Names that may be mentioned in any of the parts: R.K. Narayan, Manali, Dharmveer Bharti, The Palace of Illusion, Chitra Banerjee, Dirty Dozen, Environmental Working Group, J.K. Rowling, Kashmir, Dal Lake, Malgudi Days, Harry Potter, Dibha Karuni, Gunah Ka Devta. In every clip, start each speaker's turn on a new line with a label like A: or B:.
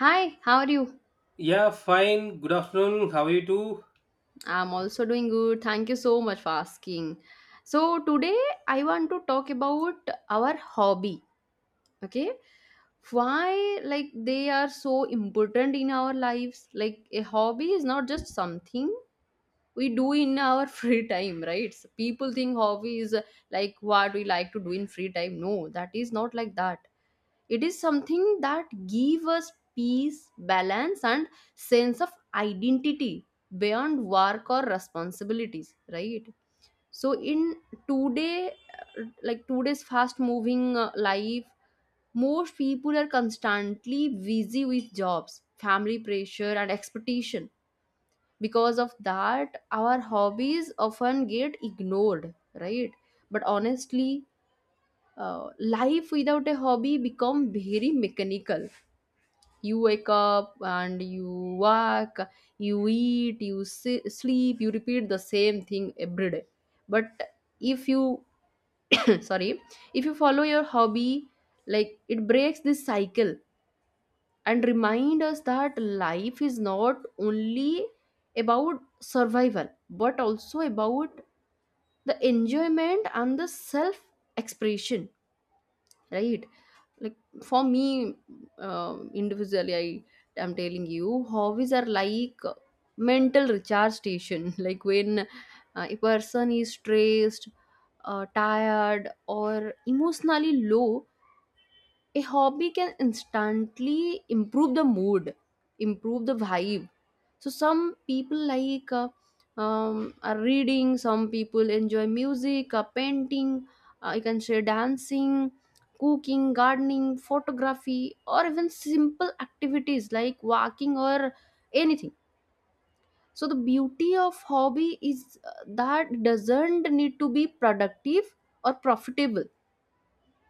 A: Hi, how are you?
B: Yeah, fine. Good afternoon. How are you too?
A: I'm also doing good. Thank you so much for asking. So, today I want to talk about our hobby. Okay. Why, like, they are so important in our lives. Like, a hobby is not just something we do in our free time, right? So people think hobby is like what we like to do in free time. No, that is not like that. It is something that give us peace, balance and sense of identity beyond work or responsibilities, right? So in today, like today's fast moving, life, most people are constantly busy with jobs, family pressure and expectation. Because of that, our hobbies often get ignored, right? But honestly, life without a hobby become very mechanical. You wake up and you work, you eat, you sleep, you repeat the same thing every day. But if you, sorry, if you follow your hobby, like it breaks this cycle and remind us that life is not only about survival but also about the enjoyment and the self expression, right? Like for me, uh, individually, I am telling you, hobbies are like mental recharge station. Like when, a person is stressed, tired or emotionally low, a hobby can instantly improve the mood, improve the vibe. So some people like, are reading, some people enjoy music, painting, you can say dancing, cooking, gardening, photography or even simple activities like walking or anything. So the beauty of hobby is, that doesn't need to be productive or profitable,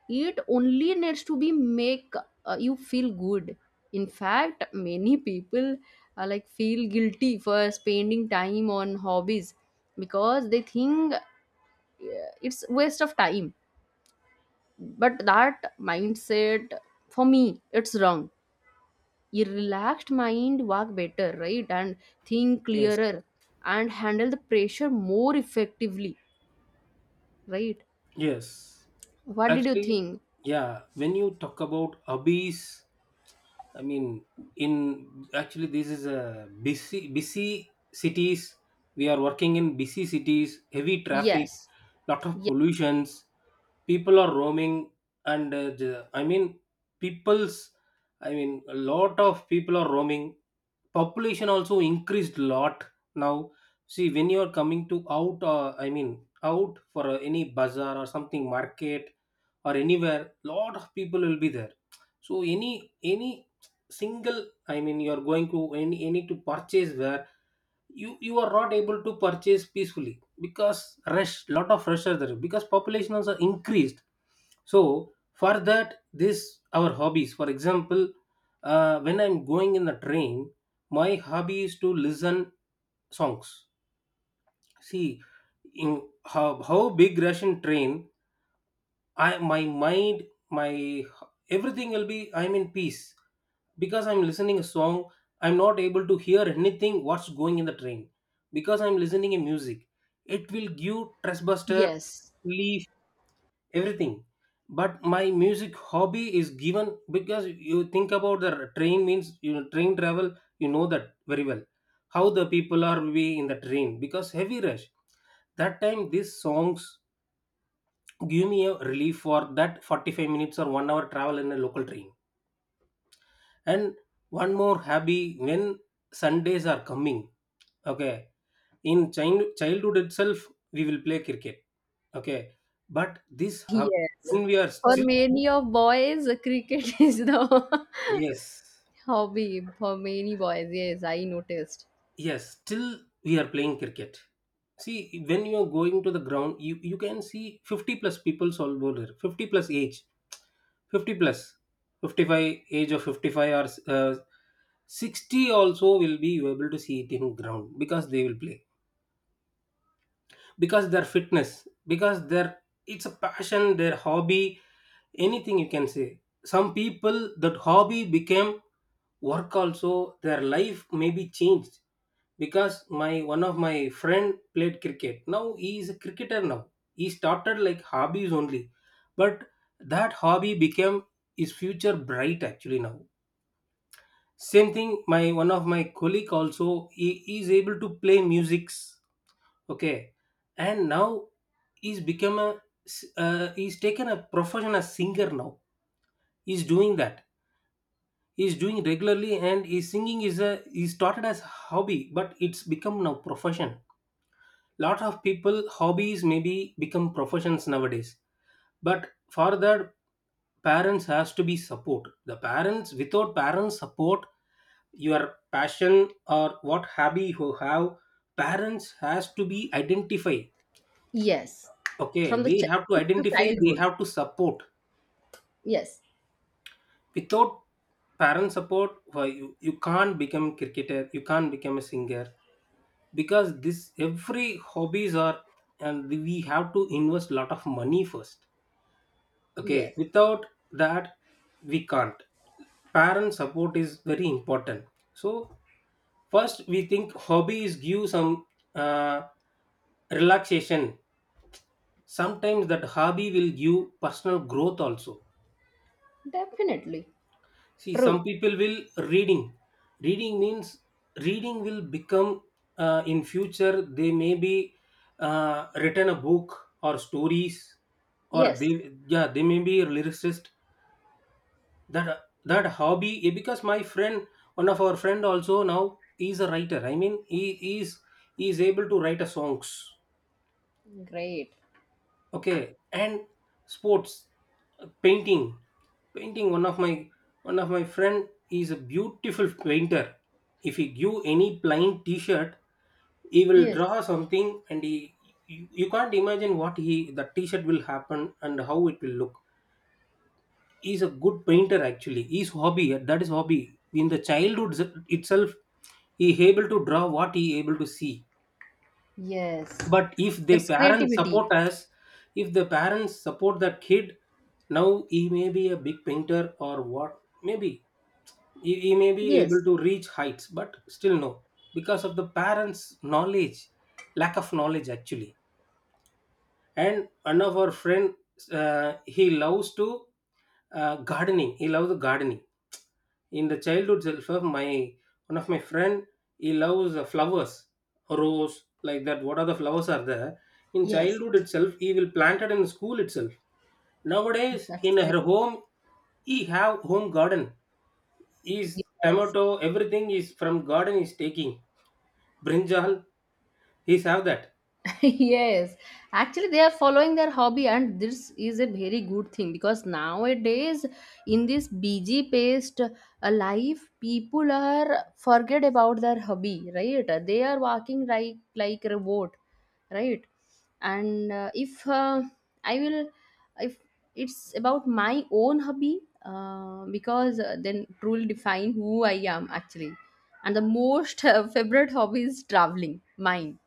A: it only needs to be make, you feel good. In fact, many people, like feel guilty for spending time on hobbies because they think, it's waste of time. But that mindset, for me, it's wrong. A relaxed mind work better, right, and think
B: Yes.
A: clearer and handle the pressure more effectively, right?
B: Yes.
A: What did you
B: Actually,
A: think?
B: yeah, when you talk about hobbies, I mean, in actually, this is a busy cities. We are working in busy cities, heavy traffic,
A: Yes.
B: lot of
A: Yes.
B: pollutions. People are roaming, and I mean, people's, I mean, a lot of people are roaming. Population also increased lot now. See, when you are coming to out, I mean, out for any bazaar or something market or anywhere, lot of people will be there, so any single, I mean, you're going to any to purchase, where you are not able to purchase peacefully because rush, lot of rush are there because population also increased. So for that, this our hobbies, for example, when I'm going in the train, my hobby is to listen songs. See, in how big russian train, I, my mind, my everything will be, I'm in peace because I'm listening a song. I'm not able to hear anything what's going in the train because I'm listening a music. It will give trustbuster,
A: Yes.
B: leaf, everything. But my music hobby is given because you think about the train means, you know, train travel. You know that very well, how the people are be in the train because heavy rush. That time these songs give me a relief for that 45 minutes or 1 hour travel in a local train. And one more hobby, when sundays are coming, okay, in childhood itself, we will play cricket, okay. But this hub,
A: Yes.
B: when we are
A: For
B: still,
A: many of boys, cricket is the
B: yes,
A: hobby. For many boys, yes, I noticed.
B: yes, still we are playing cricket. See, when you are going to the ground, you can see 50 plus people's all over there, 50 plus age, 50 plus, 55, age of 55 or 60 also will be you able to see it in ground because they will play, because their fitness, because their, it's a passion, their hobby, anything you can say. Some people, that hobby became work also. Their life may be changed, because my one of my friend played cricket, now he is a cricketer now. He started like hobbies only, but that hobby became his future bright actually now. Same thing, my one of my colleague also, he is able to play musics, okay. And now he's become a he's taken a professional singer now. He's doing that, he's doing regularly, and he's singing is a, he started as hobby, but it's become now profession. Lot of people hobbies maybe become professions nowadays. But for that, parents has to be support, the parents, without parents support your passion or what hobby you have, parents has to be identify,
A: Yes.
B: okay.
A: From the
B: They have to
A: the
B: identify, they
A: childhood.
B: have to support.
A: Yes.
B: Without parent support, why you can't become cricketer, you can't become a singer, because this every hobbies are, and we have to invest lot of money first, okay,
A: Yes.
B: without that we can't. Parent support is very important. So first we think hobbies give some uh, relaxation. Sometimes that hobby will give personal growth also.
A: Definitely.
B: See, some
A: True.
B: people will reading. Reading means reading will become, in future they may be written a book or stories, or they,
A: Yes.
B: yeah, they may be a lyricist. That that hobby, eh, because my friend, one of our friend also now is a writer, I mean, he is, he is able to write a songs,
A: Great.
B: okay. And sports, painting. Painting, one of my, one of my friend is a beautiful painter. If he give any plain t-shirt, he will
A: Yes.
B: draw something, and he, you can't imagine what he, the t-shirt will happen and how it will look. He's a good painter actually. His hobby, that is hobby, in the childhood itself, he able to draw what he able to see.
A: Yes.
B: But if the
A: That's
B: parents
A: creativity.
B: support us, if the parents support that kid, now he may be a big painter or what, maybe he may be able
A: Yes.
B: to reach heights, but still no, because of the parents knowledge, lack of knowledge actually. And one of our friend, he loves to gardening, he loves gardening. In the childhood self, my one of my friend, he loves flowers, rose, like that, what other flowers are there. In
A: Yes.
B: childhood itself, he will plant it in school itself. Nowadays
A: That's
B: in
A: great.
B: her home, he have home garden, is
A: Yes.
B: tomato, everything is from garden is taking, brinjal, he's have that.
A: Yes, actually they are following their hobby and this is a very good thing because nowadays, in this busy paced, life, people are forget about their hobby, right? They are walking like robot, right? And, if, I will if it's about my own hobby, because, then it will define who I am actually. And the most, favorite hobby is traveling, mine.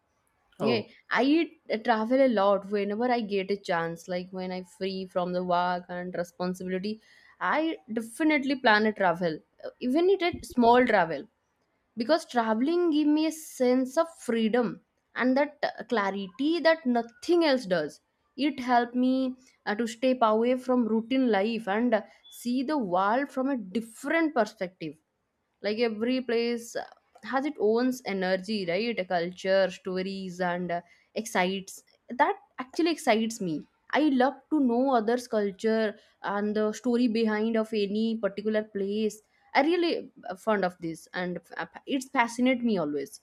A: Yeah,
B: Oh,
A: I travel a lot whenever I get a chance. Like when I free from the work and responsibility, I definitely plan a travel, even it a small travel, because traveling give me a sense of freedom and that, clarity that nothing else does. It helped me, to step away from routine life and, see the world from a different perspective. Like every place, has its own energy, right? A culture, stories and, excites, that actually excites me. I love to know others culture and the story behind of any particular place. I really, fond of this, and, it's fascinate me always.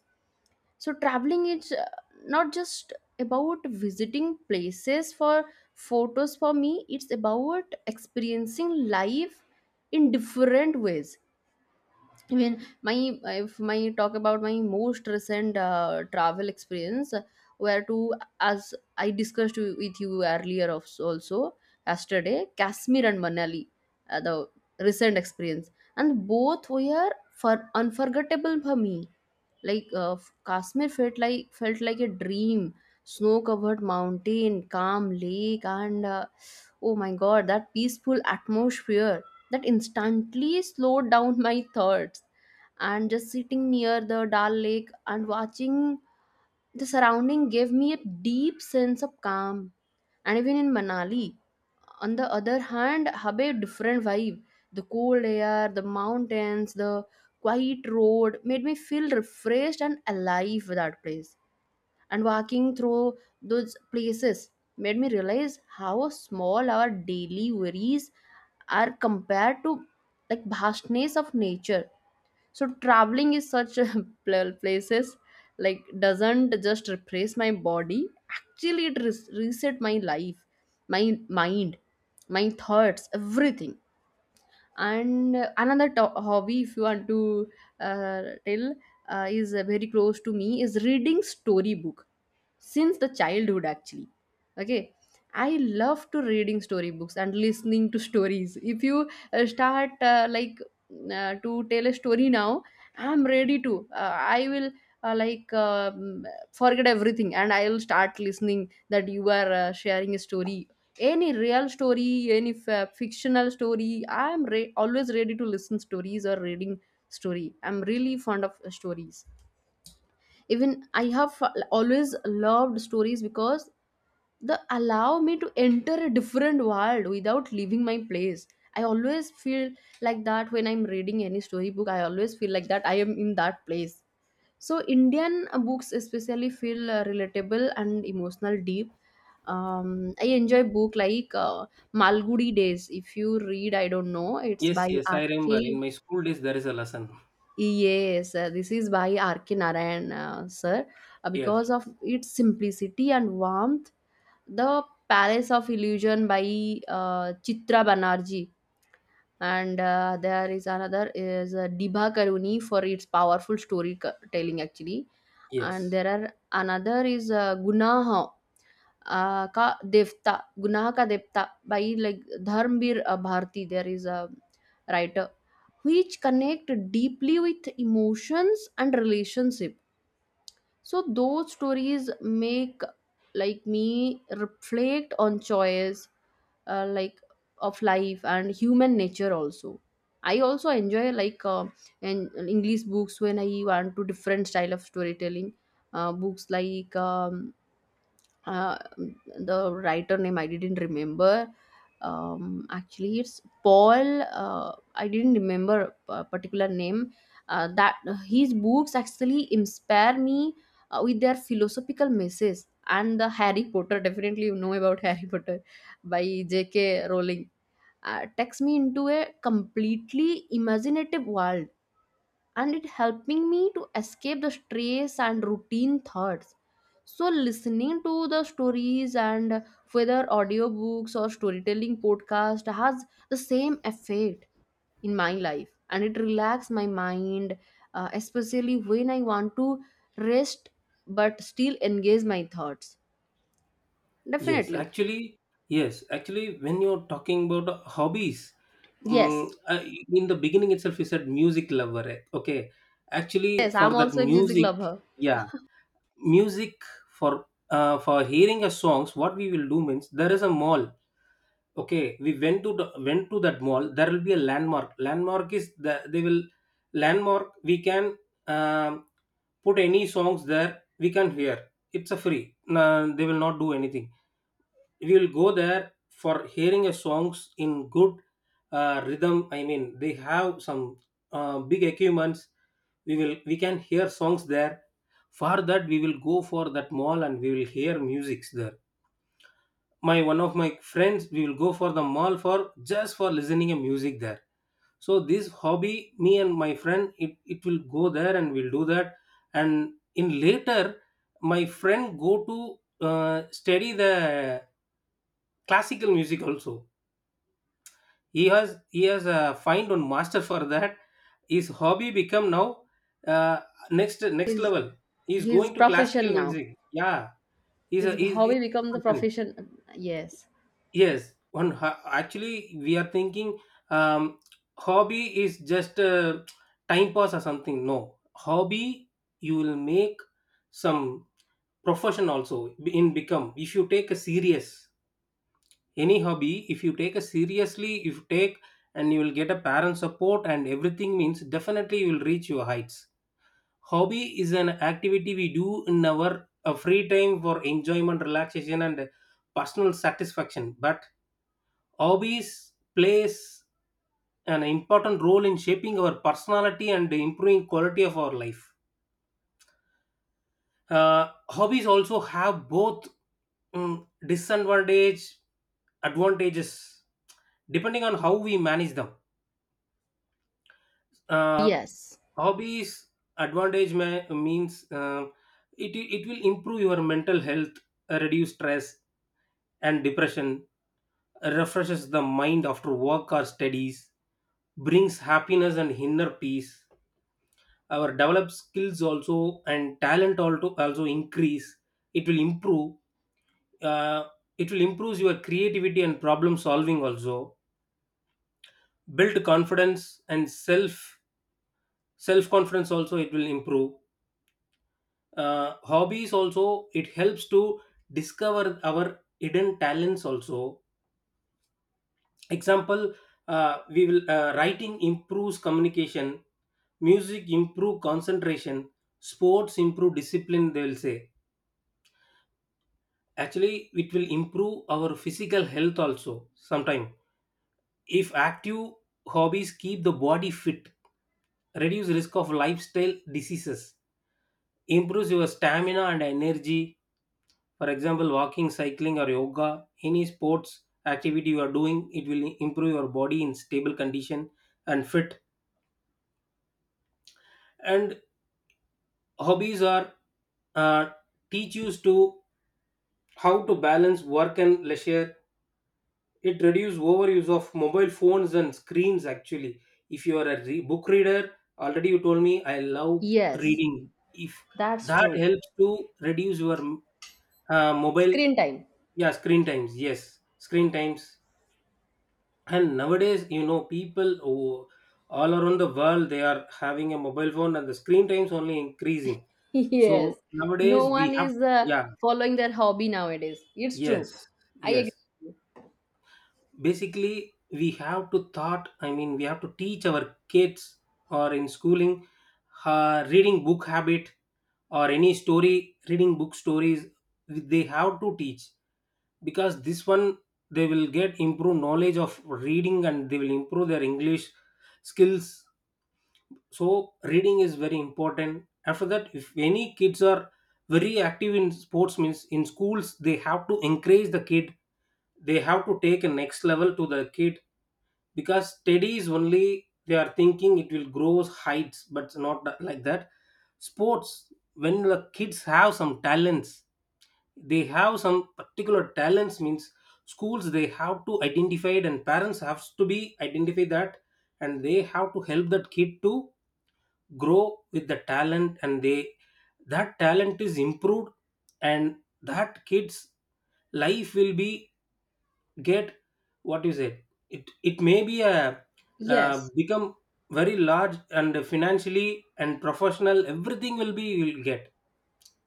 A: So traveling is, not just about visiting places for photos for me. It's about experiencing life in different ways. Even my if my talk about my most recent, travel experience, where to, as I discussed with you earlier of, also yesterday, Kashmir and Manali, the recent experience, and both were for unforgettable for me. Like, Kashmir felt like a dream. Snow covered mountain, calm lake and, oh my god, that peaceful atmosphere that instantly slowed down my thoughts. And just sitting near the Dal Lake and watching the surrounding gave me a deep sense of calm. And even in Manali, on the other hand, have a different vibe. The cold air, the mountains, the quiet road made me feel refreshed and alive with that place. And walking through those places made me realize how small our daily worries are compared to like vastness of nature. So traveling is such a places, like, doesn't just replace my body, actually it reset my life, my mind, my thoughts, everything. And, another hobby, if you want to, tell, is, very close to me, is reading storybook since the childhood actually. Okay, I love to reading storybooks and listening to stories. If you, start, like, to tell a story now, I'm ready to, I will like forget everything, and I will start listening that you are, sharing a story. Any real story, any fictional story, I'm always ready to listen stories or reading story. I'm really fond of, stories. Even I have always loved stories because they allow me to enter a different world without leaving my place. I always feel like that when I'm reading any storybook, I always feel like that I am in that place. So Indian, books especially feel, relatable and emotional deep. Um, I enjoy book like, Malgudi Days, if you read, I don't know, it's
B: yes,
A: by
B: yes, I remember
A: R.K.
B: in my school days there is a lesson.
A: Yes, this is by R.K. Narayan, sir.
B: Yes.
A: Because of its simplicity and warmth, The Palace of Illusion by, Chitra Banerjee, and, there is another is, Dibha Karuni, for its powerful storytelling actually. And
B: Yes.
A: there are another is, Gunaha ka devta, Gunah Ka Devta, by like Dharmveer, Bharti. There is a writer which connect deeply with emotions and relationship. So those stories make like me reflect on choice, like of life and human nature also. I also enjoy like, and English books when I want to different style of storytelling. Books like, uh, the writer name I didn't remember. Actually, it's Paul. I didn't remember a particular name. That his books actually inspire me, with their philosophical messages. And the Harry Potter, definitely you know about Harry Potter by J.K. Rowling. Takes me into a completely imaginative world, and it helping me to escape the stress and routine thoughts. So listening to the stories and whether audiobooks or storytelling podcast has the same effect in my life and it relax my mind, especially when I want to rest but still engage my thoughts,
B: Yes,
A: definitely.
B: actually, yes, actually, when you're talking about hobbies, um,
A: Yes.
B: uh, in the beginning itself, you said music lover, eh? Okay, actually,
A: Yes, I'm
B: for that
A: also a music
B: music,
A: lover.
B: yeah, music. For for hearing a songs, what we will do means, there is a mall. Okay, we went to the, went to that mall. There will be a landmark. Landmark is the, they will landmark. We can um, put any songs there. We can hear. It's a free, nah, they will not do anything. We will go there for hearing a songs in good rhythm, I mean, they have some big equipments. We will we can hear songs there. For that, we will go for that mall and we will hear musics there. My one of my friends, we will go for the mall for just for listening a music there. So this hobby, me and my friend, it will go there and we'll do that. And in later, my friend go to study the classical music also. He has find one master for that. His hobby become now uh, next
A: his
B: level. He's
A: his
B: going to classical
A: profession now.
B: music, yeah.
A: His
B: He's,
A: hobby
B: he's a
A: become the
B: person.
A: profession. Yes.
B: Yes. One ho-, actually, we are thinking um, hobby is just time pass or something. No, hobby, you will make some profession also in become, if you take a serious, any hobby if you take a seriously, if you take, and you will get a parent support and everything means, definitely you will reach your heights. Hobby is an activity we do in our free time for enjoyment, relaxation and personal satisfaction. But hobbies plays an important role in shaping our personality and improving quality of our life. Hobbies also have both, mm, disadvantage, advantages depending on how we manage them. uh,
A: Yes.
B: Hobbies advantage, ma- means, it will improve your mental health, reduce stress and depression, refreshes the mind after work or studies, brings happiness and inner peace. Our develop skills also, and talent also, also increase. It will improve uh, your creativity and problem solving also, build confidence, and self, self confidence also it will improve. Hobbies also it helps to discover our hidden talents also. Example, we will writing improves communication, music improve concentration, sports improve discipline, they will say. Actually it will improve our physical health also, sometime, if active hobbies keep the body fit, reduce risk of lifestyle diseases, improves your stamina and energy. For example, walking, cycling or yoga, any sports activity you are doing, it will improve your body in stable condition and fit. And hobbies are, uh, teach you to how to balance work and leisure. It reduce overuse of mobile phones and screens actually. If you are a book reader, already you told me, I love
A: Yes,
B: reading. If
A: that's
B: that
A: true.
B: helps to reduce your mobile,
A: Screen time.
B: yeah, screen times, yes, screen times. And nowadays you know, people who all around the world, they are having a mobile phone and the screen times only increasing. So
A: Yes. No
B: nowadays
A: one
B: we have,
A: is,
B: yeah,
A: following their hobby nowadays. It's true.
B: yes,
A: I agree.
B: yes. Basically, we have to thought, I mean, we have to teach our kids or in schooling, reading book habit, or any story reading book stories, they have to teach. Because this one, they will get improved knowledge of reading and they will improve their english skills. So reading is very important. After that, if any kids are very active in sports means, in schools they have to encourage the kid, they have to take a next level to the kid. Because study is only they are thinking it will grow heights, but not that- like that. Sports, when the kids have some talents, they have some particular talents means, schools they have to identify it, and parents have to be identify that, and they have to help that kid to grow with the talent, and they, that talent is improved, and that kids life will be get, what you said, it may be a
A: Yes,
B: become very large, and financially and professional, everything will be you will get.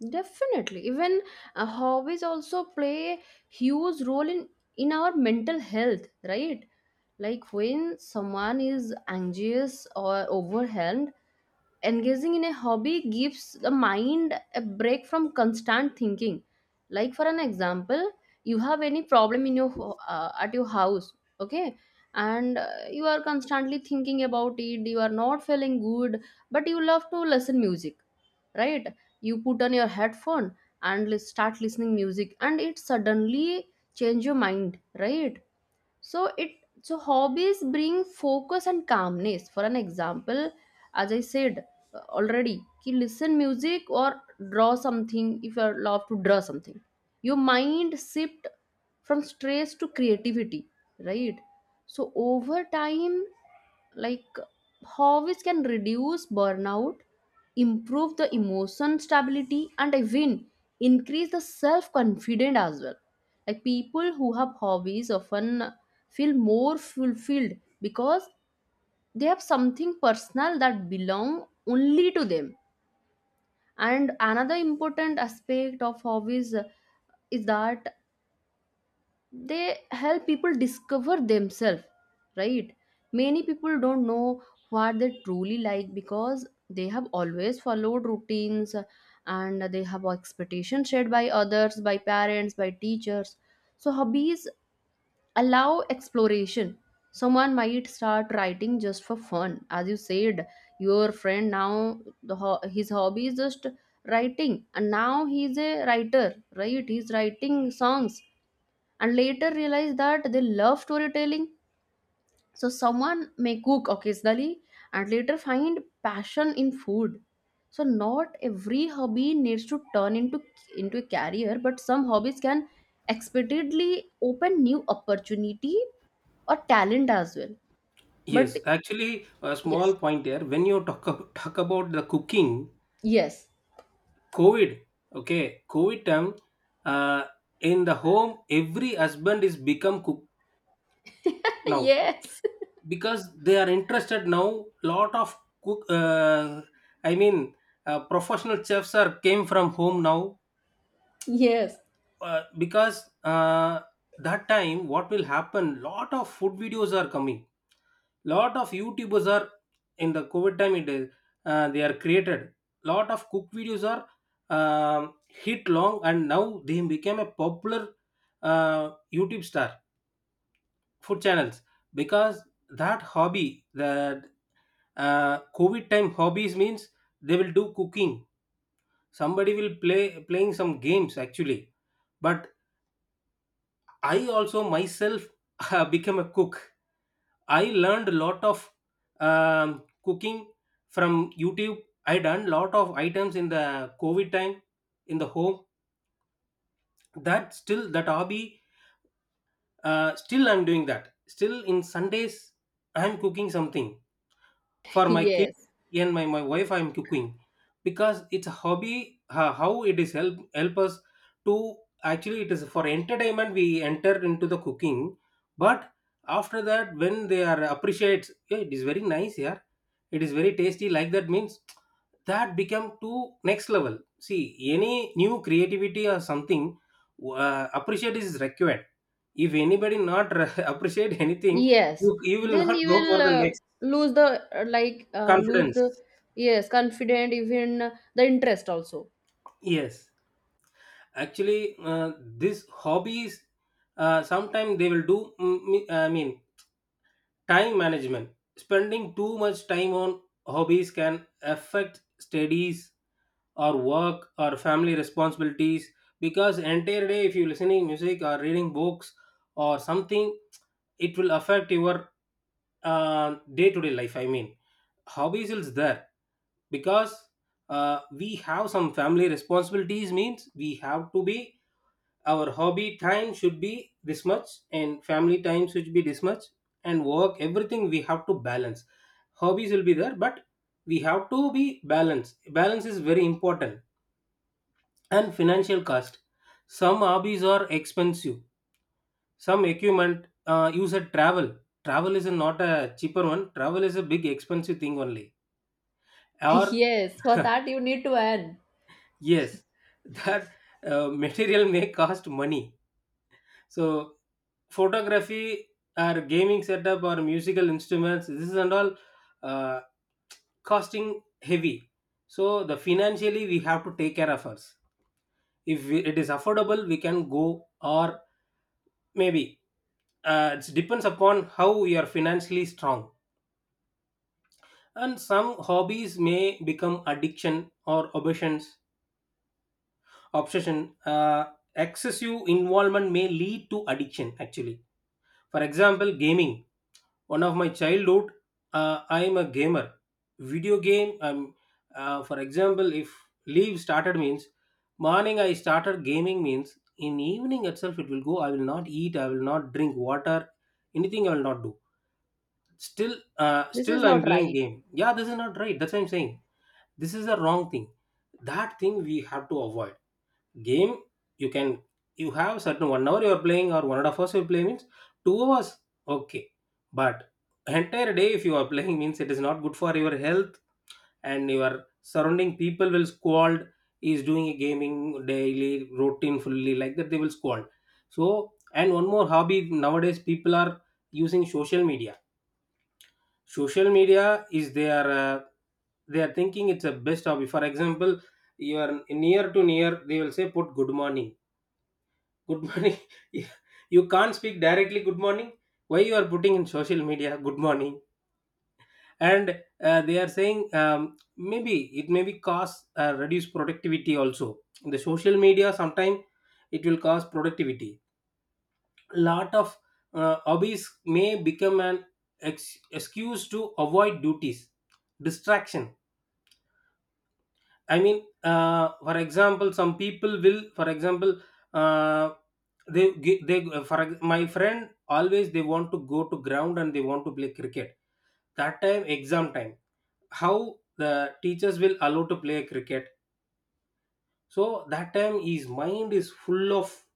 A: definitely. Even, hobbies also play huge role in our mental health, right? Like when someone is anxious or overwhelmed, engaging in a hobby gives the mind a break from constant thinking. Like for an example, you have any problem in your at your house, okay, and, you are constantly thinking about it, you are not feeling good, but you love to listen music, right? You put on your headphone and start listening music, and it suddenly change your mind, right? So it, so hobbies bring focus and calmness. For an example, as I said, already, ki, listen music or draw something, if you love to draw something, your mind shift from stress to creativity, right? So over time, like, hobbies can reduce burnout, improve the emotion stability and even increase the self confidence as well. Like people who have hobbies often feel more fulfilled because they have something personal that belong only to them. And another important aspect of hobbies is that they help people discover themselves, right? Many people don't know what they truly like because they have always followed routines and they have expectations shared by others, by parents, by teachers. So hobbies allow exploration. Someone might start writing just for fun, as you said, your friend now, the his hobby is just writing and now he's a writer, right, he's writing songs, and later realize that they love storytelling. So someone may cook occasionally and later find passion in food. So not every hobby needs to turn into a career, but some hobbies can expectedly open new opportunity or talent as well.
B: Yes,
A: But
B: actually a small
A: yes.
B: point here, when you talk ab-, talk about the cooking,
A: Yes.
B: covid, okay, covid time, uh, in the home every husband is become cook now,
A: Yes,
B: because they are interested now, lot of cook, I mean, professional chefs are came from home now.
A: yes,
B: Because that time what will happen, lot of food videos are coming, lot of YouTubers are in the COVID time it is, they are created lot of cook videos are hit long, and now they became a popular uh, YouTube star food channels. Because that hobby, the COVID time hobbies means they will do cooking, somebody will play, playing some games actually. But I also myself became a cook. I learned a lot of cooking from YouTube. I done lot of items in the COVID time, in the home. That still that hobby, still I'm doing that, still in Sundays I'm cooking something for my kid.
A: yes.
B: And my wife I'm cooking, because it's a hobby. How it is help, help us to, actually it is for entertainment we enter into the cooking. But after that when they are appreciates, "Hey, it is very nice here, it is very tasty," like that means that become to next level, see. Any new creativity or something, appreciate is required. If anybody not appreciate anything,
A: Yes,
B: you will
A: then
B: not
A: you
B: go
A: will,
B: for the next.
A: lose the,
B: Confidence.
A: yes, confident, even, the interest also.
B: Yes, actually, this hobbies sometimes they will do. I mean, time management. Spending too much time on hobbies can affect studies or work or family responsibilities, because entire day if you're listening music or reading books or something, it will affect your day to day life. I mean, hobbies is there because we have some family responsibilities, means we have to be, our hobby time should be this much and family time should be this much, and work, everything we have to balance. Hobbies will be there, but we have to be balanced, balance is very important. And financial cost, some hobbies are expensive, some equipment. You said travel. Travel is not a cheaper one, travel is a big expensive thing only. Or
A: Yes, for that you need to earn.
B: yes, that material may cost money. So photography or gaming setup or musical instruments, this is and all, uh, costing heavy. So the financially we have to take care of us, if we, it is affordable we can go, or maybe it depends upon how we are financially strong. And some hobbies may become addiction or obsessions, obsession. uh, Excessive involvement may lead to addiction actually. For example, gaming. One of my childhood, I am a gamer. Video game, for example, if leave started means morning I started gaming means in evening itself it will go, I will not eat, I will not drink water, anything I will not do. Still uh,
A: This
B: still
A: is
B: I'm
A: not
B: playing
A: right.
B: game. Yeah, this is not right, that's what I'm saying. This is a wrong thing, that thing we have to avoid. Game you can, you have certain 1 hour you're playing, or 1.5 hours you're playing means 2 hours, okay. But entire day if you are playing means it is not good for your health, and your surrounding people will scold, is doing a gaming daily routine fully like that, they will scold. So, and one more hobby nowadays people are using social media. Social media is their, they are thinking it's a best hobby. For example, you are near to near, they will say put good morning, good morning. You can't speak directly good morning, why you are putting in social media good morning? And they are saying, maybe it may be cause reduce productivity also. The social media sometimes it will cause productivity. Lot of hobbies may become an excuse to avoid duties, distraction. I mean, for example, some people will, for example, uh, they gi- they for ex- my friend always they want to go to ground and they want to play cricket. That time exam time, how the teachers will allow to play cricket. So that time his mind is full of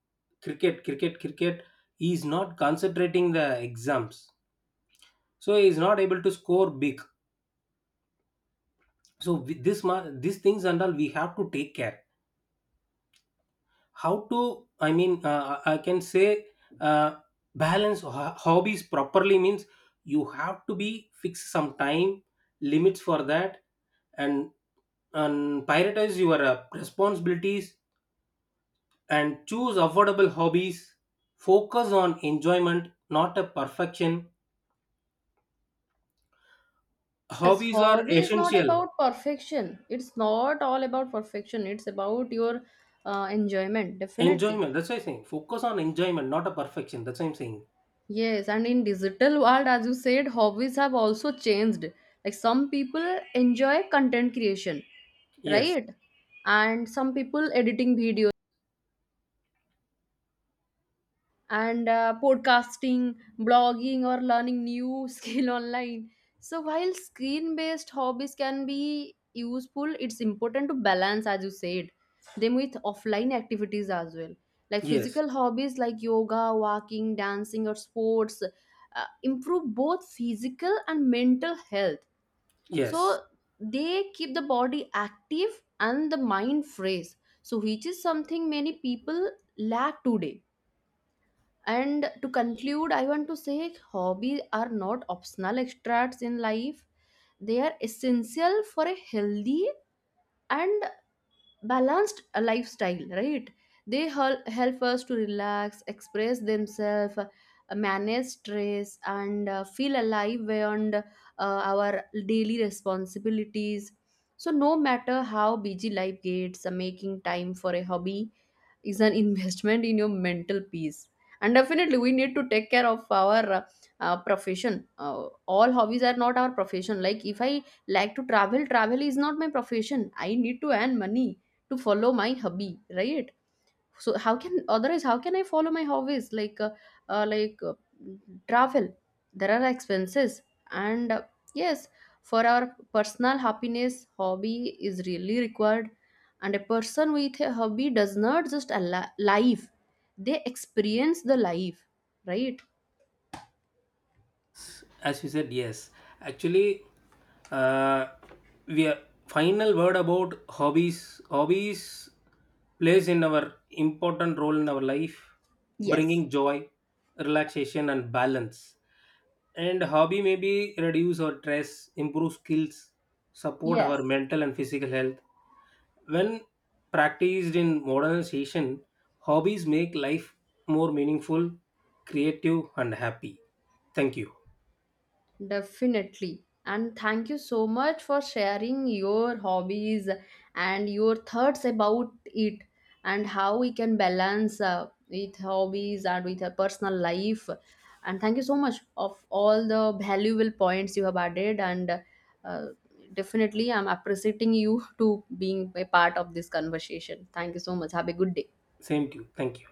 B: cricket, cricket, cricket. He is not concentrating the exams, so he is not able to score big. So with this these things and all we have to take care, how to, I mean, I can say uh, balance hobbies properly means you have to be fix some time limits for that. And prioritize your responsibilities, and choose affordable hobbies, focus on enjoyment, not a perfection.
A: Yes,
B: Hobbies are
A: hobby is not
B: essential.
A: about perfection. It's not all about perfection. It's about your, enjoyment, definitely.
B: Enjoyment, that's what I'm saying, focus on enjoyment, not a perfection, that's what I'm saying.
A: Yes, and in digital world, as you said, hobbies have also changed. Like some people enjoy content creation,
B: Yes.
A: right? And some people editing videos and, podcasting, blogging, or learning new skill online. So, while screen based hobbies can be useful, it's important to balance, as you said, them with offline activities as well. Like
B: Yes.
A: physical hobbies like yoga, walking, dancing, or sports, improve both physical and mental health.
B: Yes,
A: So, they keep the body active and the mind fresh. So, which is something many people lack today. And to conclude, I want to say hobbies are not optional extras in life. They are essential for a healthy and balanced, lifestyle, right? They help us to relax, express themselves, manage stress and, feel alive beyond, our daily responsibilities. So no matter how busy life gets, making time for a hobby is an investment in your mental peace. And definitely we need to take care of our, profession. All hobbies are not our profession. Like, if I like to travel, travel is not my profession, I need to earn money to follow my hobby, right? So how can otherwise how can I follow my hobbies like, uh, like uh, travel? There are expenses. And, yes, for our personal happiness, hobby is really required. And a person with a hobby does not just alive, they experience the life, right?
B: as you said. Yes, actually, uh, we are, final word about hobbies. Hobbies plays in our, important role in our life,
A: Yes.
B: bringing joy, relaxation and balance. And hobby maybe reduce our stress, improve skills, support
A: Yes.
B: our mental and physical health. When practiced in modernization, hobbies make life more meaningful, creative and happy. Thank you.
A: Definitely. And thank you so much for sharing your hobbies and your thoughts about it, and how we can balance, with hobbies and with a personal life. And thank you so much of all the valuable points you have added. And, uh, definitely, I'm appreciating you to being a part of this conversation. Thank you so much. Have a good day.
B: Same to you. Thank you.